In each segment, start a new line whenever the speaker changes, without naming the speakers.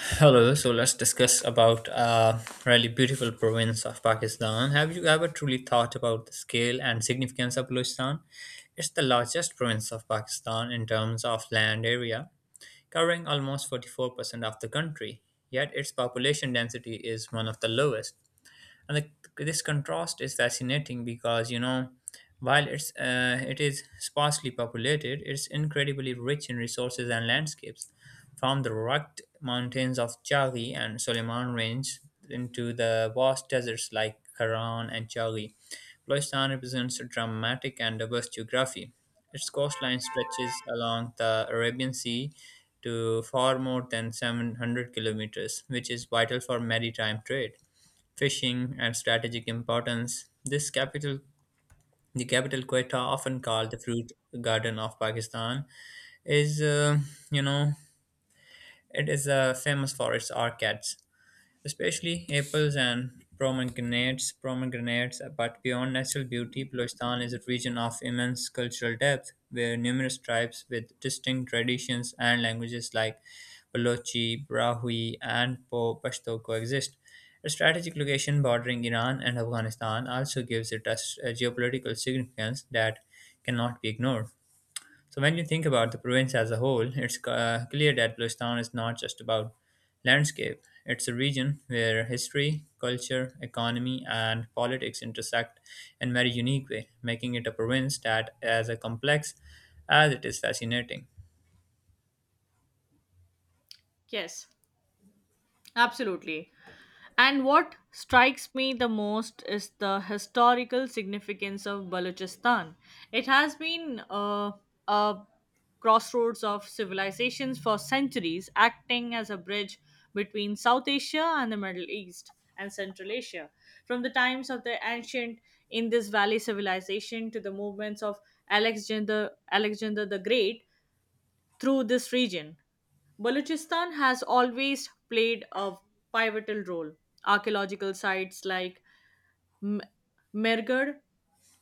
Hello, so let's discuss about a really beautiful province of Pakistan. Have you ever truly thought about the scale and significance of Balochistan? It's the largest province of Pakistan in terms of land area, covering almost 44% of the country, yet its population density is one of the lowest, and this contrast is fascinating because while it is sparsely populated, it's incredibly rich in resources and landscapes, from the rugged mountains of Chari and Soleiman range into the vast deserts like Karan and Chari. Balochistan represents a dramatic and diverse geography. Its coastline stretches along the Arabian Sea to far more than 700 kilometers, which is vital for maritime trade, fishing, and strategic importance. The capital Quetta, often called the fruit garden of Pakistan, is you know it is famous for its orchids, especially apples and pomegranates. Pomegranates, but beyond natural beauty, Balochistan is a region of immense cultural depth, where numerous tribes with distinct traditions and languages like Balochi, Brahui, and Po Pashto coexist. A strategic location bordering Iran and Afghanistan also gives it a geopolitical significance that cannot be ignored. So when you think about the province as a whole, it's clear that Bluistan is not just about landscape. It's a region where history, culture, economy, and politics intersect in very unique way, making it a province that as a complex as it is fascinating.
Yes, absolutely. And what strikes me the most is the historical significance of Balochistan. It has been a crossroads of civilizations for centuries, acting as a bridge between South Asia and the Middle East and Central Asia. From the times of the ancient Indus Valley civilization to the movements of Alexander the Great, through this region. Balochistan has always played a pivotal role. Archaeological sites like M- Merger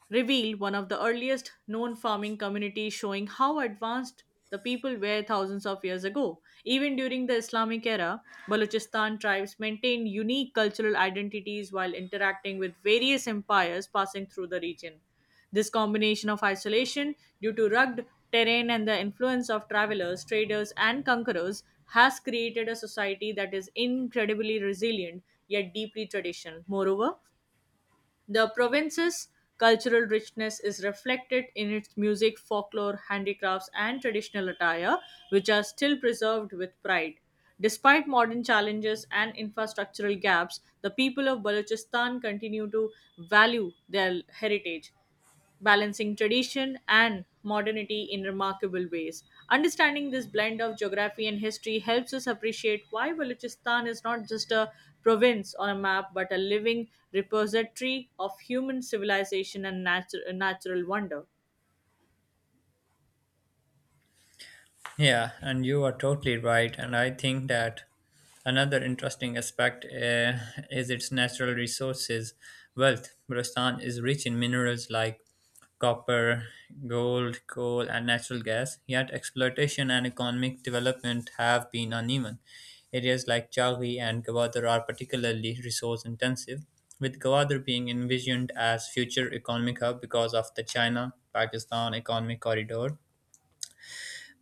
revealed one of the earliest known farming communities, showing how advanced the people were thousands of years ago. Even during the Islamic era, Balochistan tribes maintained unique cultural identities while interacting with various empires passing through the region. This combination of isolation due to rugged terrain and the influence of travelers, traders, and conquerors has created a society that is incredibly resilient yet deeply traditional. Moreover, the province's cultural richness is reflected in its music, folklore, handicrafts, and traditional attire, which are still preserved with pride. Despite modern challenges and infrastructural gaps, the people of Balochistan continue to value their heritage balancing tradition and modernity in remarkable ways. Understanding this blend of geography and history helps us appreciate why Balochistan is not just a province on a map but a living repository of human civilization and natural wonder.
Yeah, and you are totally right. And I think that another interesting aspect is its natural resources wealth. Rajasthan is rich in minerals like copper, gold, coal, and natural gas, yet exploitation and economic development have been uneven. Areas like Chaghi and Gawadar are particularly resource intensive, with Gawadar being envisioned as future economic hub because of the China Pakistan economic corridor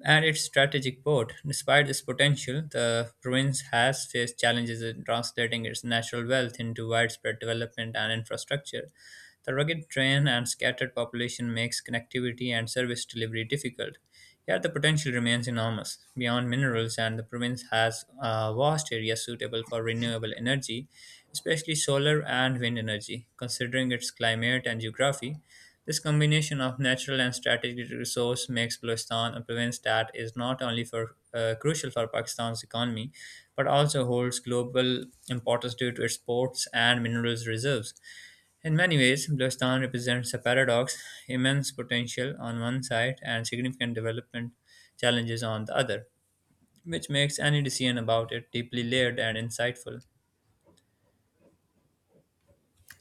and its strategic port. Despite this potential, the province has faced challenges in translating its natural wealth into widespread development and infrastructure. The rugged terrain and scattered population makes connectivity and service delivery difficult. Yet the potential remains enormous. Beyond minerals, and the province has a vast areas suitable for renewable energy, especially solar and wind energy. Considering its climate and geography, this combination of natural and strategic resource makes Balochistan a province that is not only for crucial for Pakistan's economy, but also holds global importance due to its ports and minerals reserves. In many ways, Balochistan represents a paradox: immense potential on one side and significant development challenges on the other, which makes any decision about it deeply layered and insightful.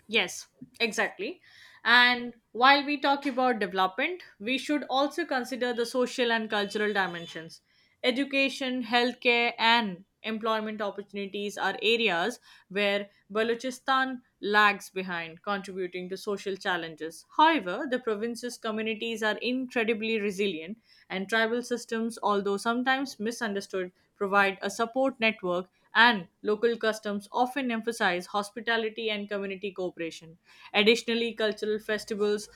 Yes, exactly. And while we talk about development, we should also consider the social and cultural dimensions. Education, healthcare, and employment opportunities are areas where Balochistan lags behind, contributing to social challenges. However, the province's communities are incredibly resilient, and tribal systems, although sometimes misunderstood, provide a support network, and local customs often emphasize hospitality and community cooperation. Additionally, cultural festivals,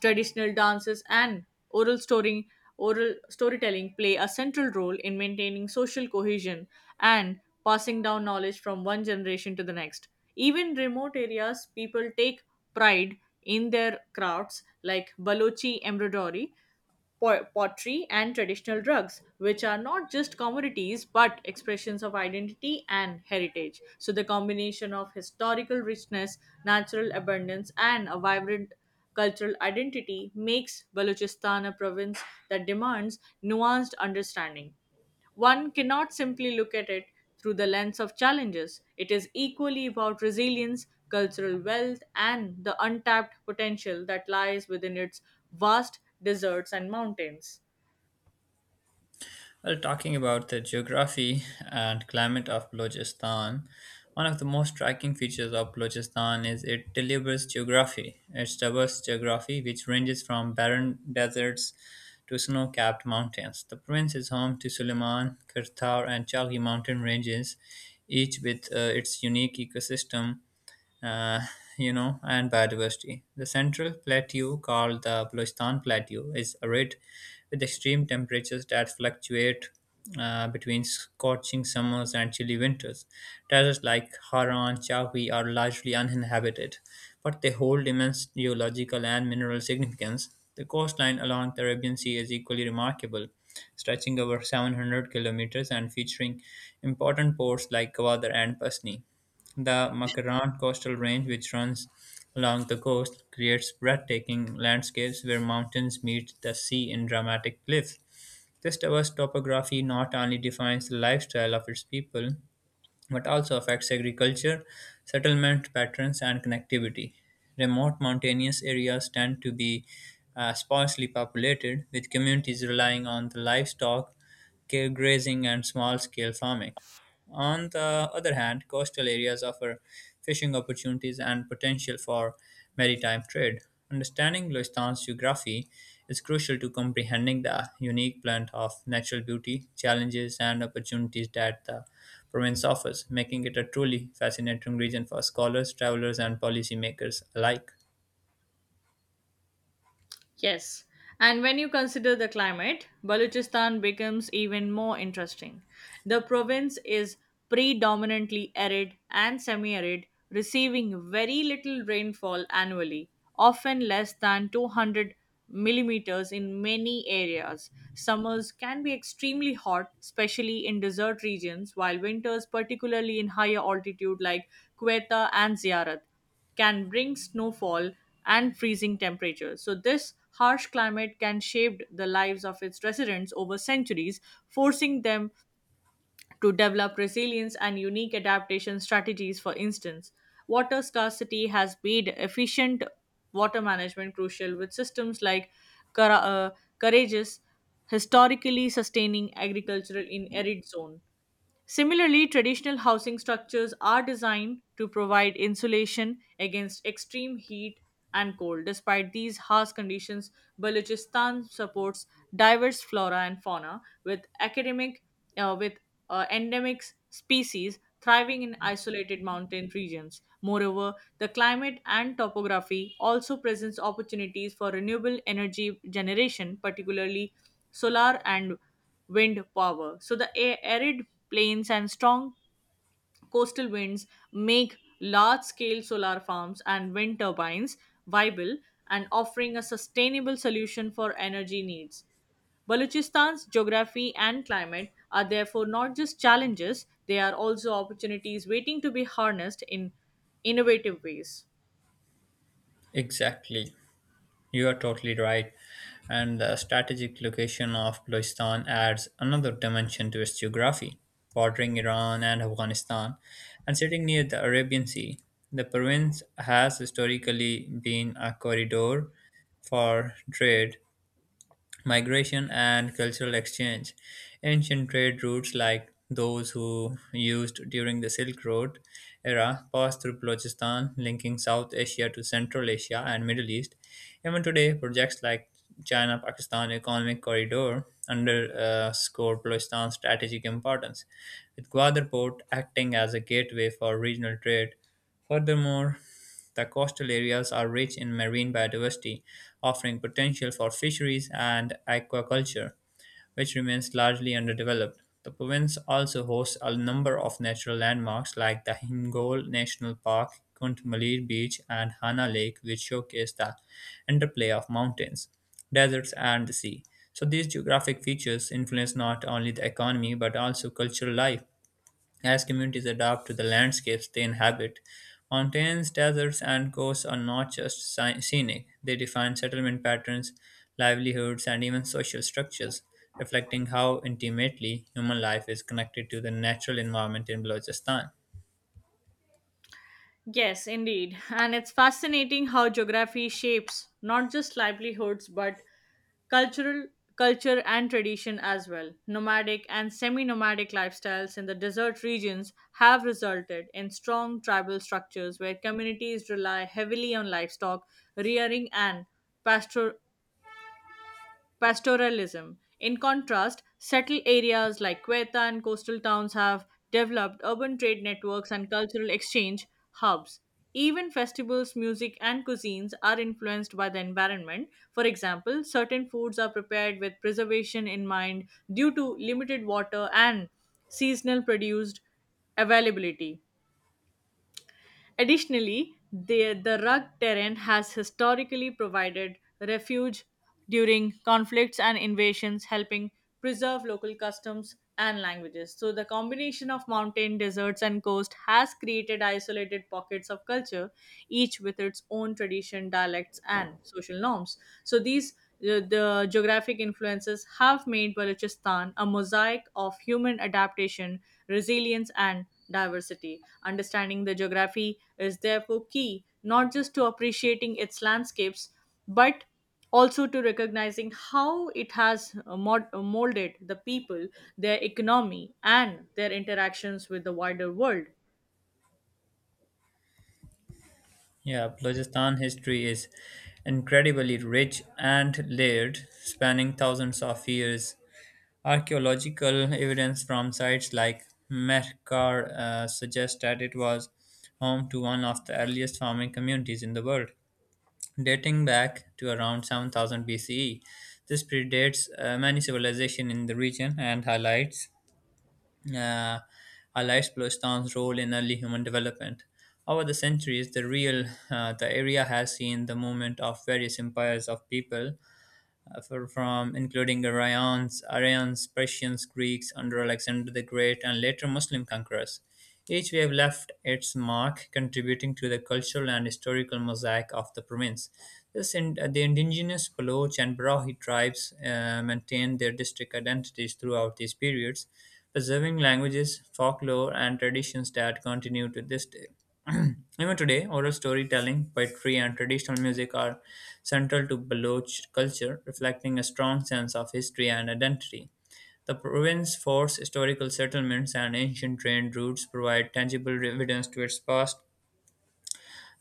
traditional dances, and oral story, oral storytelling play a central role in maintaining social cohesion and passing down knowledge from one generation to the next. Even remote areas, people take pride in their crafts like Balochi embroidery, pottery, and traditional rugs, which are not just commodities but expressions of identity and heritage. So, the combination of historical richness, natural abundance, and a vibrant cultural identity makes Balochistan a province that demands nuanced understanding. One cannot simply look at it through the lens of challenges. It is equally about resilience, cultural wealth, and the untapped potential that lies within its vast deserts and mountains.
Well, talking about the geography and climate of Balochistan, one of the most striking features of Balochistan is its deliberate geography. Its diverse geography, which ranges from barren deserts to snow capped mountains. The province is home to Suleiman, Kirtar, and Chalgi mountain ranges, each with its unique ecosystem, uh, you know, and biodiversity. The central plateau, called the Balochistan Plateau, is arid with extreme temperatures that fluctuate between scorching summers and chilly winters. Terraces like Haran, Chawi are largely uninhabited, but they hold immense geological and mineral significance. The coastline along the Arabian Sea is equally remarkable, stretching over 700 kilometers and featuring important ports like Gwadar and Pasni. The Makarant Coastal Range, which runs along the coast, creates breathtaking landscapes where mountains meet the sea in dramatic cliffs. This diverse topography not only defines the lifestyle of its people but also affects agriculture, settlement patterns, and connectivity. Remote mountainous areas tend to be sparsely populated, with communities relying on the livestock, grazing, and small scale farming. On the other hand, coastal areas offer fishing opportunities and potential for maritime trade. Understanding Loistan's geography is crucial to comprehending the unique blend of natural beauty, challenges, and opportunities that the province offers, making it a truly fascinating region for scholars, travelers, and policymakers alike.
Yes. And when you consider the climate, Balochistan becomes even more interesting. The province is predominantly arid and semi arid, receiving very little rainfall annually, often less than 200 millimeters in many areas. Summers can be extremely hot, especially in desert regions, while winters, particularly in higher altitude like Quetta and Ziarat, can bring snowfall and freezing temperatures. So, this harsh climate can shape the lives of its residents over centuries, forcing them to develop resilience and unique adaptation strategies. For instance, water scarcity has made efficient water management crucial, with systems like Cara- uh, Courageous historically sustaining agricultural in arid zone. Similarly, traditional housing structures are designed to provide insulation against extreme heat and cold. Despite these harsh conditions, Balochistan supports diverse flora and fauna with academic with endemic species thriving in isolated mountain regions. Moreover, the climate and topography also presents opportunities for renewable energy generation, particularly solar and wind power. So, the arid plains and strong coastal winds make large scale solar farms and wind turbines viable and offering a sustainable solution for energy needs. Balochistan's geography and climate are therefore not just challenges, they are also opportunities waiting to be harnessed in innovative ways.
Exactly. You are totally right. And the strategic location of Balochistan adds another dimension to its geography, bordering Iran and Afghanistan and sitting near the Arabian Sea. The province has historically been a corridor for trade, Migration and cultural exchange. Ancient trade routes like those who used during the Silk Road era passed through Balochistan, linking South Asia to Central Asia and Middle East. Even today, projects like China-Pakistan Economic Corridor underscore Balochistan's strategic importance with Gwadar port acting as a gateway for regional trade. Furthermore, the coastal areas are rich in marine biodiversity, offering potential for fisheries and aquaculture, which remains largely underdeveloped. The province also hosts a number of natural landmarks like the Hingol National Park, Kuntmalir Beach, and Hana Lake, which showcase the interplay of mountains, deserts, and the sea. So, these geographic features influence not only the economy but also cultural life, as communities adapt to the landscapes they inhabit. Mountains, deserts, and coasts are not just scenic, they define settlement patterns, livelihoods, and even social structures, reflecting how intimately human life is connected to the natural environment in Balochistan.
Yes, indeed. And it's fascinating how geography shapes not just livelihoods but cultural culture and tradition as well. Nomadic and semi-nomadic lifestyles in the desert regions have resulted in strong tribal structures where communities rely heavily on livestock rearing and pasture pastoralism. In contrast, settled areas like Quetta and coastal towns have developed urban trade networks and cultural exchange hubs. Even festivals, music, and cuisines are influenced by the environment. For example, certain foods are prepared with preservation in mind due to limited water and seasonal produced availability. Additionally, the rugged terrain has historically provided refuge during conflicts and invasions, helping preserve local customs and languages. So, the combination of mountain, deserts, and coast has created isolated pockets of culture, each with its own tradition, dialects, and social norms. So, the geographic influences have made Balochistan a mosaic of human adaptation, resilience, and diversity. Understanding the geography is therefore key not just to appreciating its landscapes but also to recognizing how it has molded the people, their economy, and their interactions with the wider world.
Yeah, Balochistan history is incredibly rich and layered, spanning thousands of years. Archaeological evidence from sites like Merkar suggests that it was home to one of the earliest farming communities in the world, dating back to around 7,000 BCE. This predates many civilizations in the region and uh, highlights Bluistan's role in early human development. Over the centuries, the area has seen the movement of various empires of people from including Ryans, Aryans, Persians, Greeks under Alexander the Great, and later Muslim conquerors. Each wave left its mark, contributing to the cultural and historical mosaic of the province. The indigenous Baloch and Barahi tribes maintained their district identities throughout these periods, preserving languages, folklore, and traditions that continue to this day. Even today, oral storytelling, poetry, and traditional music are central to Baloch culture, reflecting a strong sense of history and identity. The province's forts, historical settlements, and ancient trade routes provide tangible evidence to its past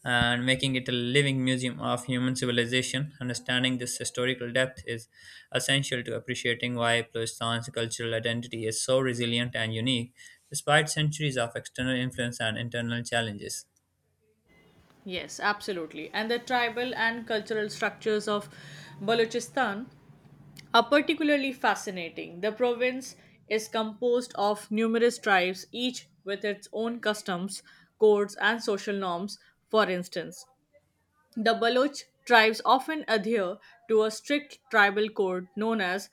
and making it a living museum of human civilization. Understanding this historical depth is essential to appreciating why Balochistan's cultural identity is so resilient and unique despite centuries of external influence and internal challenges.
Yes, absolutely. And the tribal and cultural structures of Balochistan are particularly fascinating. The province is composed of numerous tribes, each with its own customs, codes, and social norms. For instance, the Baloch tribes often adhere to a strict tribal code known as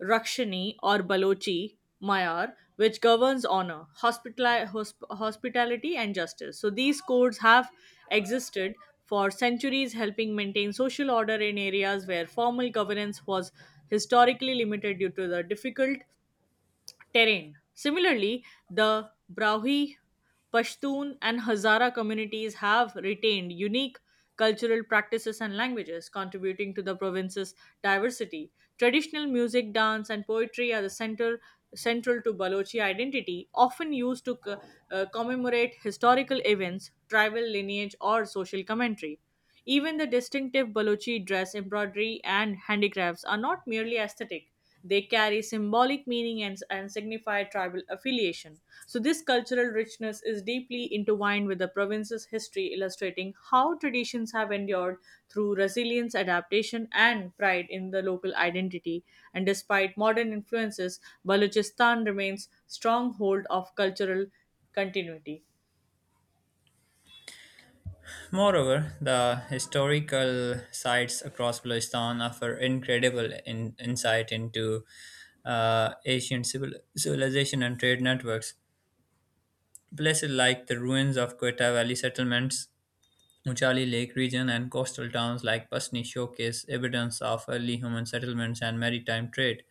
Rakshani or Balochi Mayar, which governs honor, hospitality, and justice. So these codes have existed for centuries, helping maintain social order in areas where formal governance was historically limited due to the difficult terrain. Similarly, the Brahvi, Pashtun, and Hazara communities have retained unique cultural practices and languages, contributing to the province's diversity. Traditional music, dance, and poetry are the center central to Balochi identity, often used to commemorate historical events, tribal lineage, or social commentary. Even the distinctive Balochi dress, embroidery, and handicrafts are not merely aesthetic, they carry symbolic meaning and, signify tribal affiliation. So, this cultural richness is deeply intertwined with the province's history, illustrating how traditions have endured through resilience, adaptation, and pride in the local identity. And despite modern influences, Balochistan remains stronghold of cultural continuity.
Moreover, the historical sites across Balochistan offer incredible insight into ancient civilization and trade networks. Places like the ruins of Quetta Valley settlements, Uchali Lake region, and coastal towns like Pasni showcase evidence of early human settlements and maritime trade.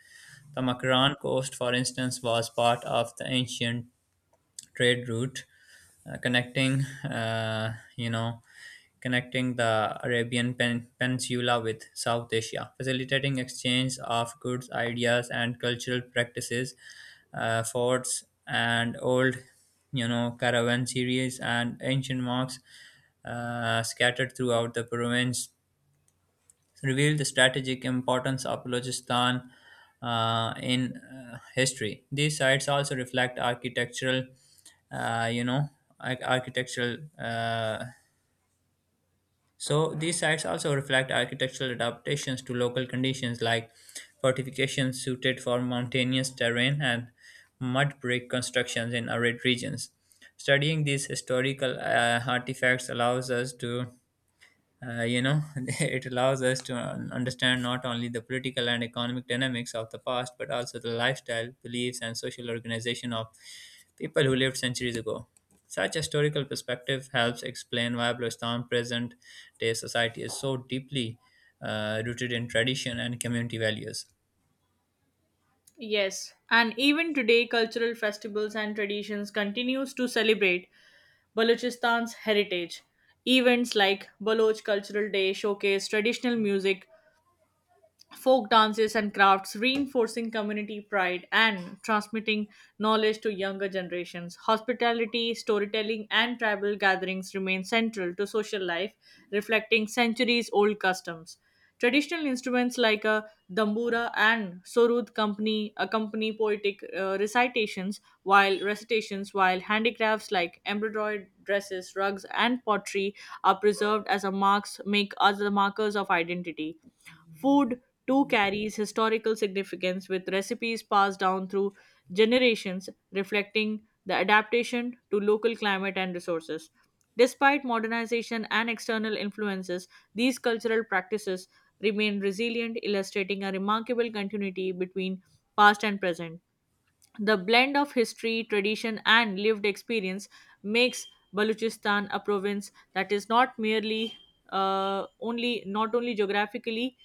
The Makaran coast, for instance, was part of the ancient trade route connecting you know connecting the Peninsula with South Asia, facilitating exchange of goods, ideas, and cultural practices. Forts and old, caravanseries and ancient mosques scattered throughout the province reveal the strategic importance of Balochistan in history. These sites also reflect architectural, you know, ar- architectural. So these sites also reflect architectural adaptations to local conditions, like fortifications suited for mountainous terrain and mud brick constructions in arid regions. Studying these historical artifacts allows us to it allows us to understand not only the political and economic dynamics of the past, but also the lifestyle, beliefs, and social organization of people who lived centuries ago. Such historical perspective helps explain why Bluestan present day society is so deeply rooted in tradition and community values.
Yes, and even today, cultural festivals and traditions continues to celebrate Balochistan's heritage. Events like Baloch Cultural Day showcase traditional music, folk dances and crafts, reinforcing community pride and transmitting knowledge to younger generations. Hospitality, storytelling, and tribal gatherings remain central to social life, reflecting centuries old customs. Traditional instruments like a dambura and sorud company accompany poetic recitations, while handicrafts like embroidered dresses, rugs, and pottery are preserved as a marks make as the markers of identity. Food too carries historical significance with recipes passed down through generations, reflecting the adaptation to local climate and resources. Despite modernization and external influences, these cultural practices remain resilient, illustrating a remarkable continuity between past and present. The blend of history, tradition, and lived experience makes Balochistan a province that is not only geographically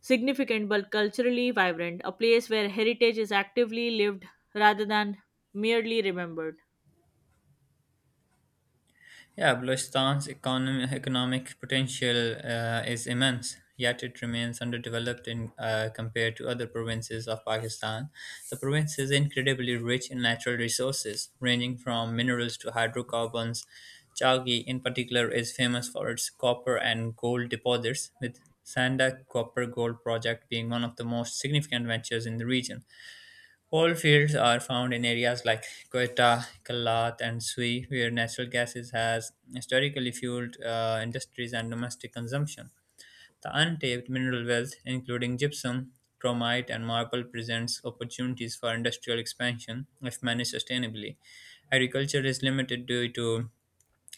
significant but culturally vibrant, a place where heritage is actively lived rather than merely remembered.
Yeah, economic potential is immense, yet it remains underdeveloped compared to other provinces of Pakistan. The province is incredibly rich in natural resources, ranging from minerals to hydrocarbons. Chaghi, in particular, is famous for its copper and gold deposits, with Sandak Copper Gold Project being one of the most significant ventures in the region. Coal fields are found in areas like Quetta, Kallath, and Sui, where natural gases has historically fueled industries and domestic consumption. The untapped mineral wealth, including gypsum, chromite, and marble, presents opportunities for industrial expansion if managed sustainably. Agriculture is limited due to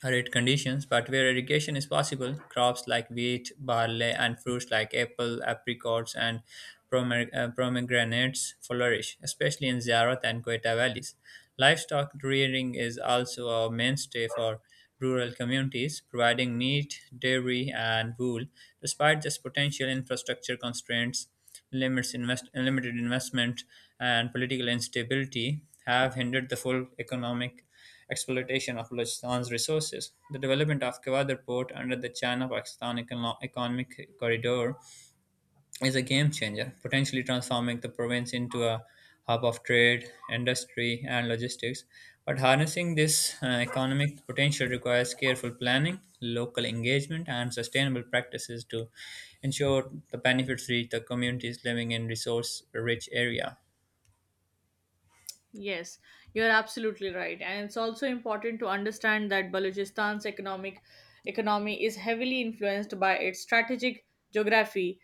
Arid conditions, but where irrigation is possible, crops like wheat, barley, and fruits like apple, apricots, and pomegranates flourish, especially in Ziyarat and Quetta valleys. Livestock rearing is also a mainstay for rural communities, providing meat, dairy, and wool. Despite this potential infrastructure constraints, limited investment, and political instability, have hindered the full economic exploitation of Balochistan's resources. The development of Kawadar port under the Economic Corridor is a game changer, potentially transforming the province into a hub of trade, industry, and logistics. But harnessing this economic potential requires careful planning, local engagement, and sustainable practices to ensure the benefits reach the communities living in resource rich area.
Yes, you're absolutely right. And it's also important to understand that Balochistan's economic economy is heavily influenced by its strategic geography.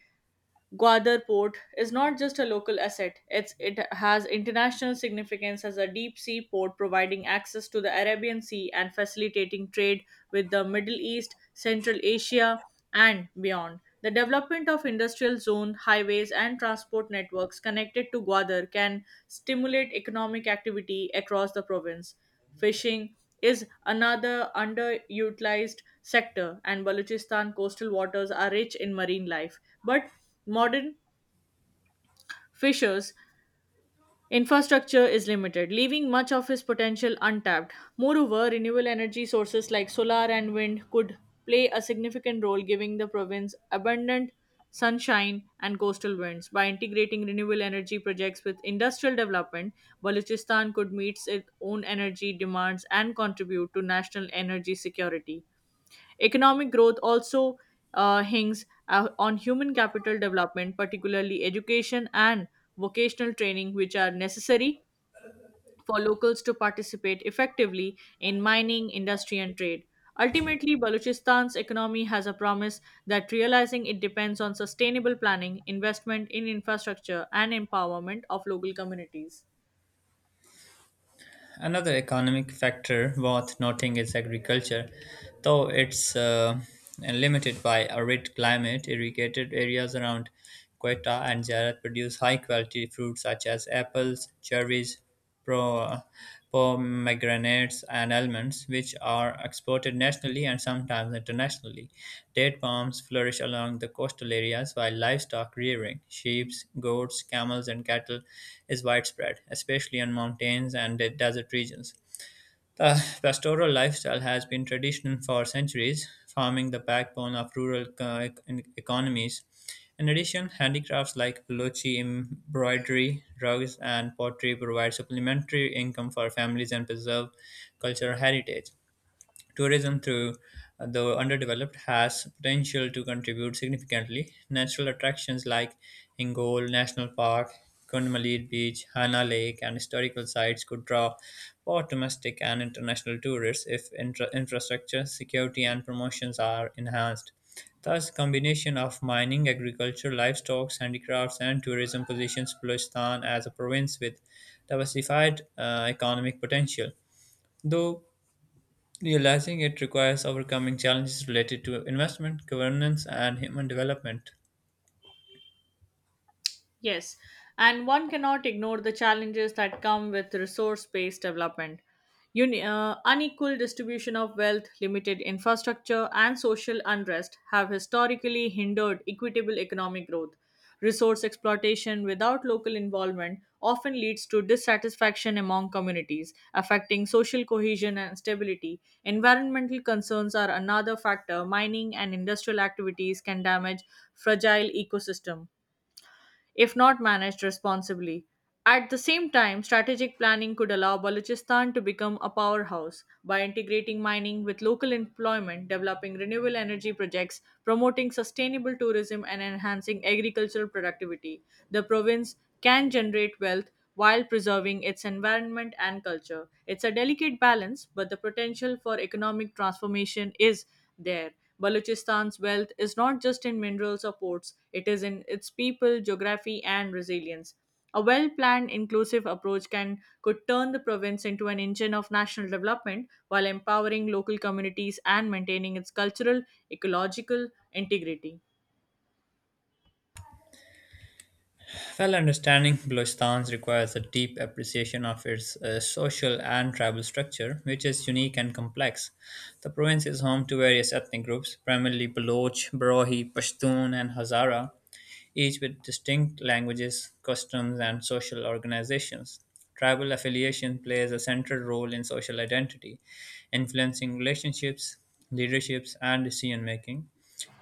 Gwadar Port is not just a local asset, it has international significance as a deep sea port providing access to the Arabian Sea and facilitating trade with the Middle East, Central Asia, and beyond. The development of industrial zone highways and transport networks connected to Gwadar can stimulate economic activity across the province. Fishing is another underutilized sector, and Balochistan coastal waters are rich in marine life. But modern fishers' infrastructure is limited, leaving much of its potential untapped. Moreover, renewable energy sources like solar and wind could play a significant role, giving the province abundant sunshine and coastal winds. By integrating renewable energy projects with industrial development, Balochistan could meet its own energy demands and contribute to national energy security. Economic growth also hinges on human capital development, particularly education and vocational training, which are necessary for locals to participate effectively in mining, industry, and trade. Ultimately, Balochistan's economy has a promise that realizing it depends on sustainable planning, investment in infrastructure, and empowerment of local communities.
Another economic factor worth noting is agriculture. Though it's limited by arid climate, irrigated areas around Quetta and Jarat produce high quality fruits such as apples, cherries, pro, pomegranates and almonds, which are exported nationally and sometimes internationally. Date palms flourish along the coastal areas while livestock rearing, sheep, goats, camels, and cattle, is widespread, especially on mountains and desert regions. The pastoral lifestyle has been traditional for centuries, forming the backbone of rural economies. In addition, handicrafts like Balochi embroidery, rugs, and pottery provide supplementary income for families and preserve cultural heritage. Tourism through the underdeveloped has potential to contribute significantly. Natural attractions like Ingol National Park, Kunmalir Beach, Hana Lake, and historical sites could draw both domestic and international tourists if infrastructure, security, and promotions are enhanced. Thus, combination of mining, agriculture, livestock, handicrafts, and tourism positions Balochistan as a province with diversified economic potential. Though Realizing it requires overcoming challenges related to investment, governance, and human development.
Yes, and one cannot ignore the challenges that come with resource based development. Unequal distribution of wealth, limited infrastructure, and social unrest have historically hindered equitable economic growth. Resource exploitation without local involvement often leads to dissatisfaction among communities, affecting social cohesion and stability. Environmental concerns are another factor. Mining and industrial activities can damage fragile ecosystem if not managed responsibly. At the same time, strategic planning could allow Balochistan to become a powerhouse by integrating mining with local employment, developing renewable energy projects, promoting sustainable tourism, and enhancing agricultural productivity. The province can generate wealth while preserving its environment and culture. It's a delicate balance, but the potential for economic transformation is there. Balochistan's wealth is not just in minerals or ports, it is in its people, geography, and resilience. A well planned, inclusive approach can could turn the province into an engine of national development while empowering local communities and maintaining its cultural, ecological integrity.
Well, understanding Balochistan requires a deep appreciation of its social and tribal structure, which is unique and complex. The province is home to various ethnic groups, primarily Baloch, Barahi, Pashtun, and Hazara, each with distinct languages, customs, and social organizations. Tribal affiliation plays a central role in social identity, influencing relationships, leaderships, and decision making.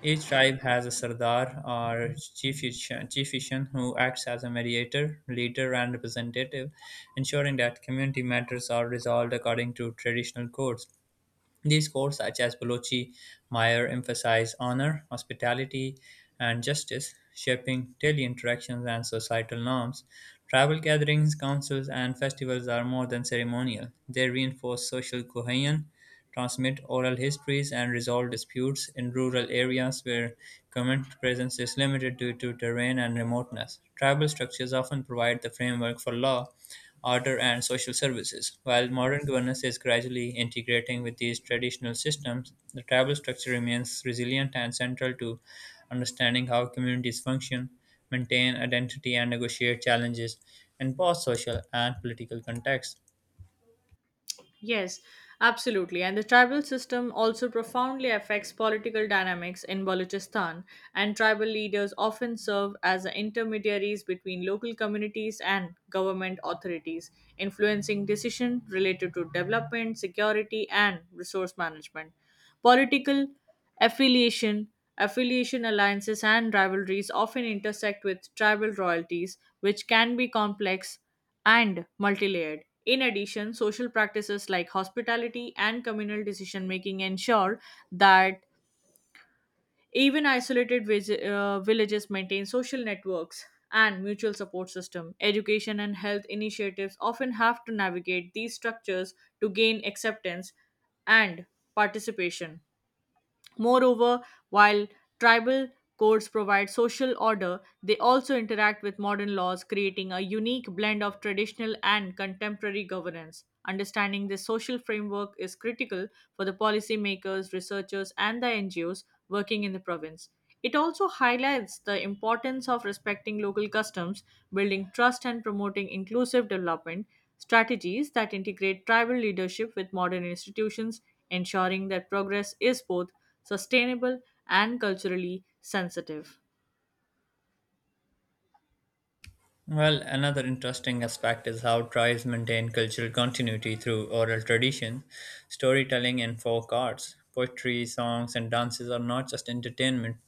Each tribe has a Sardar or chieftain who acts as a mediator, leader, and representative, ensuring that community matters are resolved according to traditional codes. These codes, such as Balochi Meyer, emphasize honor, hospitality, and justice, shaping daily interactions and societal norms. Tribal gatherings, councils, and festivals are more than ceremonial. They reinforce social cohesion, transmit oral histories, and resolve disputes in rural areas where government presence is limited due to terrain and remoteness. Tribal structures often provide the framework for law order and social services. While modern governance is gradually integrating with these traditional systems, the tribal structure remains resilient and central to understanding how communities function, maintain identity, and negotiate challenges in both social and political contexts.
Yes, absolutely. And the tribal system also profoundly affects political dynamics in Balochistan, and tribal leaders often serve as the intermediaries between local communities and government authorities, influencing decisions related to development, security, and resource management. Political affiliation, Affiliation alliances, and rivalries often intersect with tribal royalties, which can be complex and multi-layered. In addition, social practices like hospitality and communal decision making ensure that even isolated villages maintain social networks and mutual support system. Education and health initiatives often have to navigate these structures to gain acceptance and participation. Moreover, while tribal codes provide social order, they also interact with modern laws, creating a unique blend of traditional and contemporary governance. Understanding this social framework is critical for the policymakers, researchers, and the NGOs working in the province. It also highlights the importance of respecting local customs, building trust, and promoting inclusive development strategies that integrate tribal leadership with modern institutions, ensuring that progress is both sustainable, and culturally sensitive.
Well, another interesting aspect is how tribes maintain cultural continuity through oral tradition, storytelling, and folk arts. Poetry, songs, and dances are not just entertainment.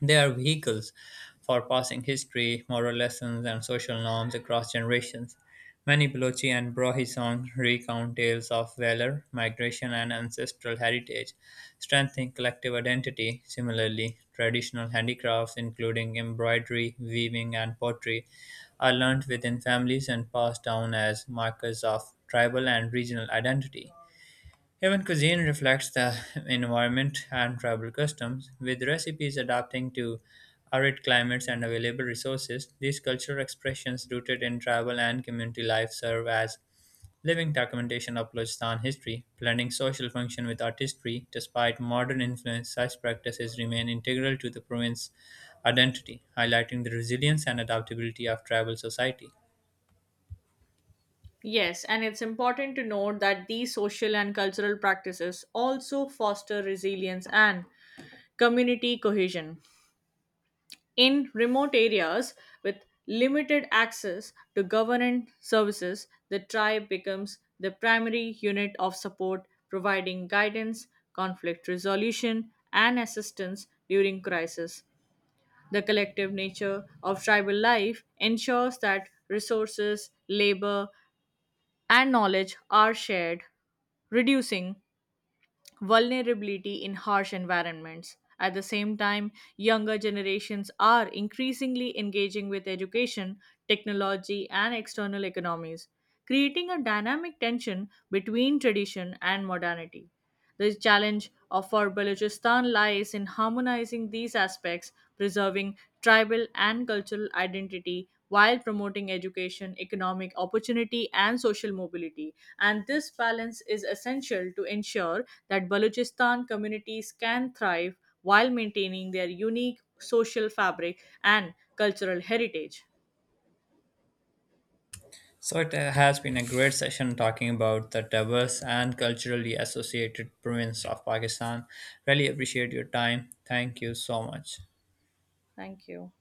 They are vehicles for passing history, moral lessons, and social norms across generations. Many Balochi and Brahi songs recount tales of valor, migration, and ancestral heritage, strengthening collective identity. Similarly, traditional handicrafts, including embroidery, weaving, and pottery, are learned within families and passed down as markers of tribal and regional identity. Even cuisine reflects the environment and tribal customs, with recipes adapting to arid climates and available resources. These cultural expressions, rooted in tribal and community life, serve as living documentation of Balochistan history, blending social function with artistry. Despite modern influence, such practices remain integral to the province's identity, highlighting the resilience and adaptability of tribal society.
Yes, and it's important to note that these social and cultural practices also foster resilience and community cohesion. In remote areas with limited access to government services, the tribe becomes the primary unit of support, providing guidance, conflict resolution, and assistance during crisis. The collective nature of tribal life ensures that resources, labor, and knowledge are shared, reducing vulnerability in harsh environments. At the same time, younger generations are increasingly engaging with education, technology, and external economies, creating a dynamic tension between tradition and modernity. The for Balochistan lies in harmonizing these aspects, preserving tribal and cultural identity while promoting education, economic opportunity, and social mobility. And this balance is essential to ensure that Balochistan communities can thrive while maintaining their unique social fabric and cultural heritage.
So it has been a great session talking about the diverse and culturally associated province of Pakistan. Really appreciate your time. Thank you so much.
Thank you.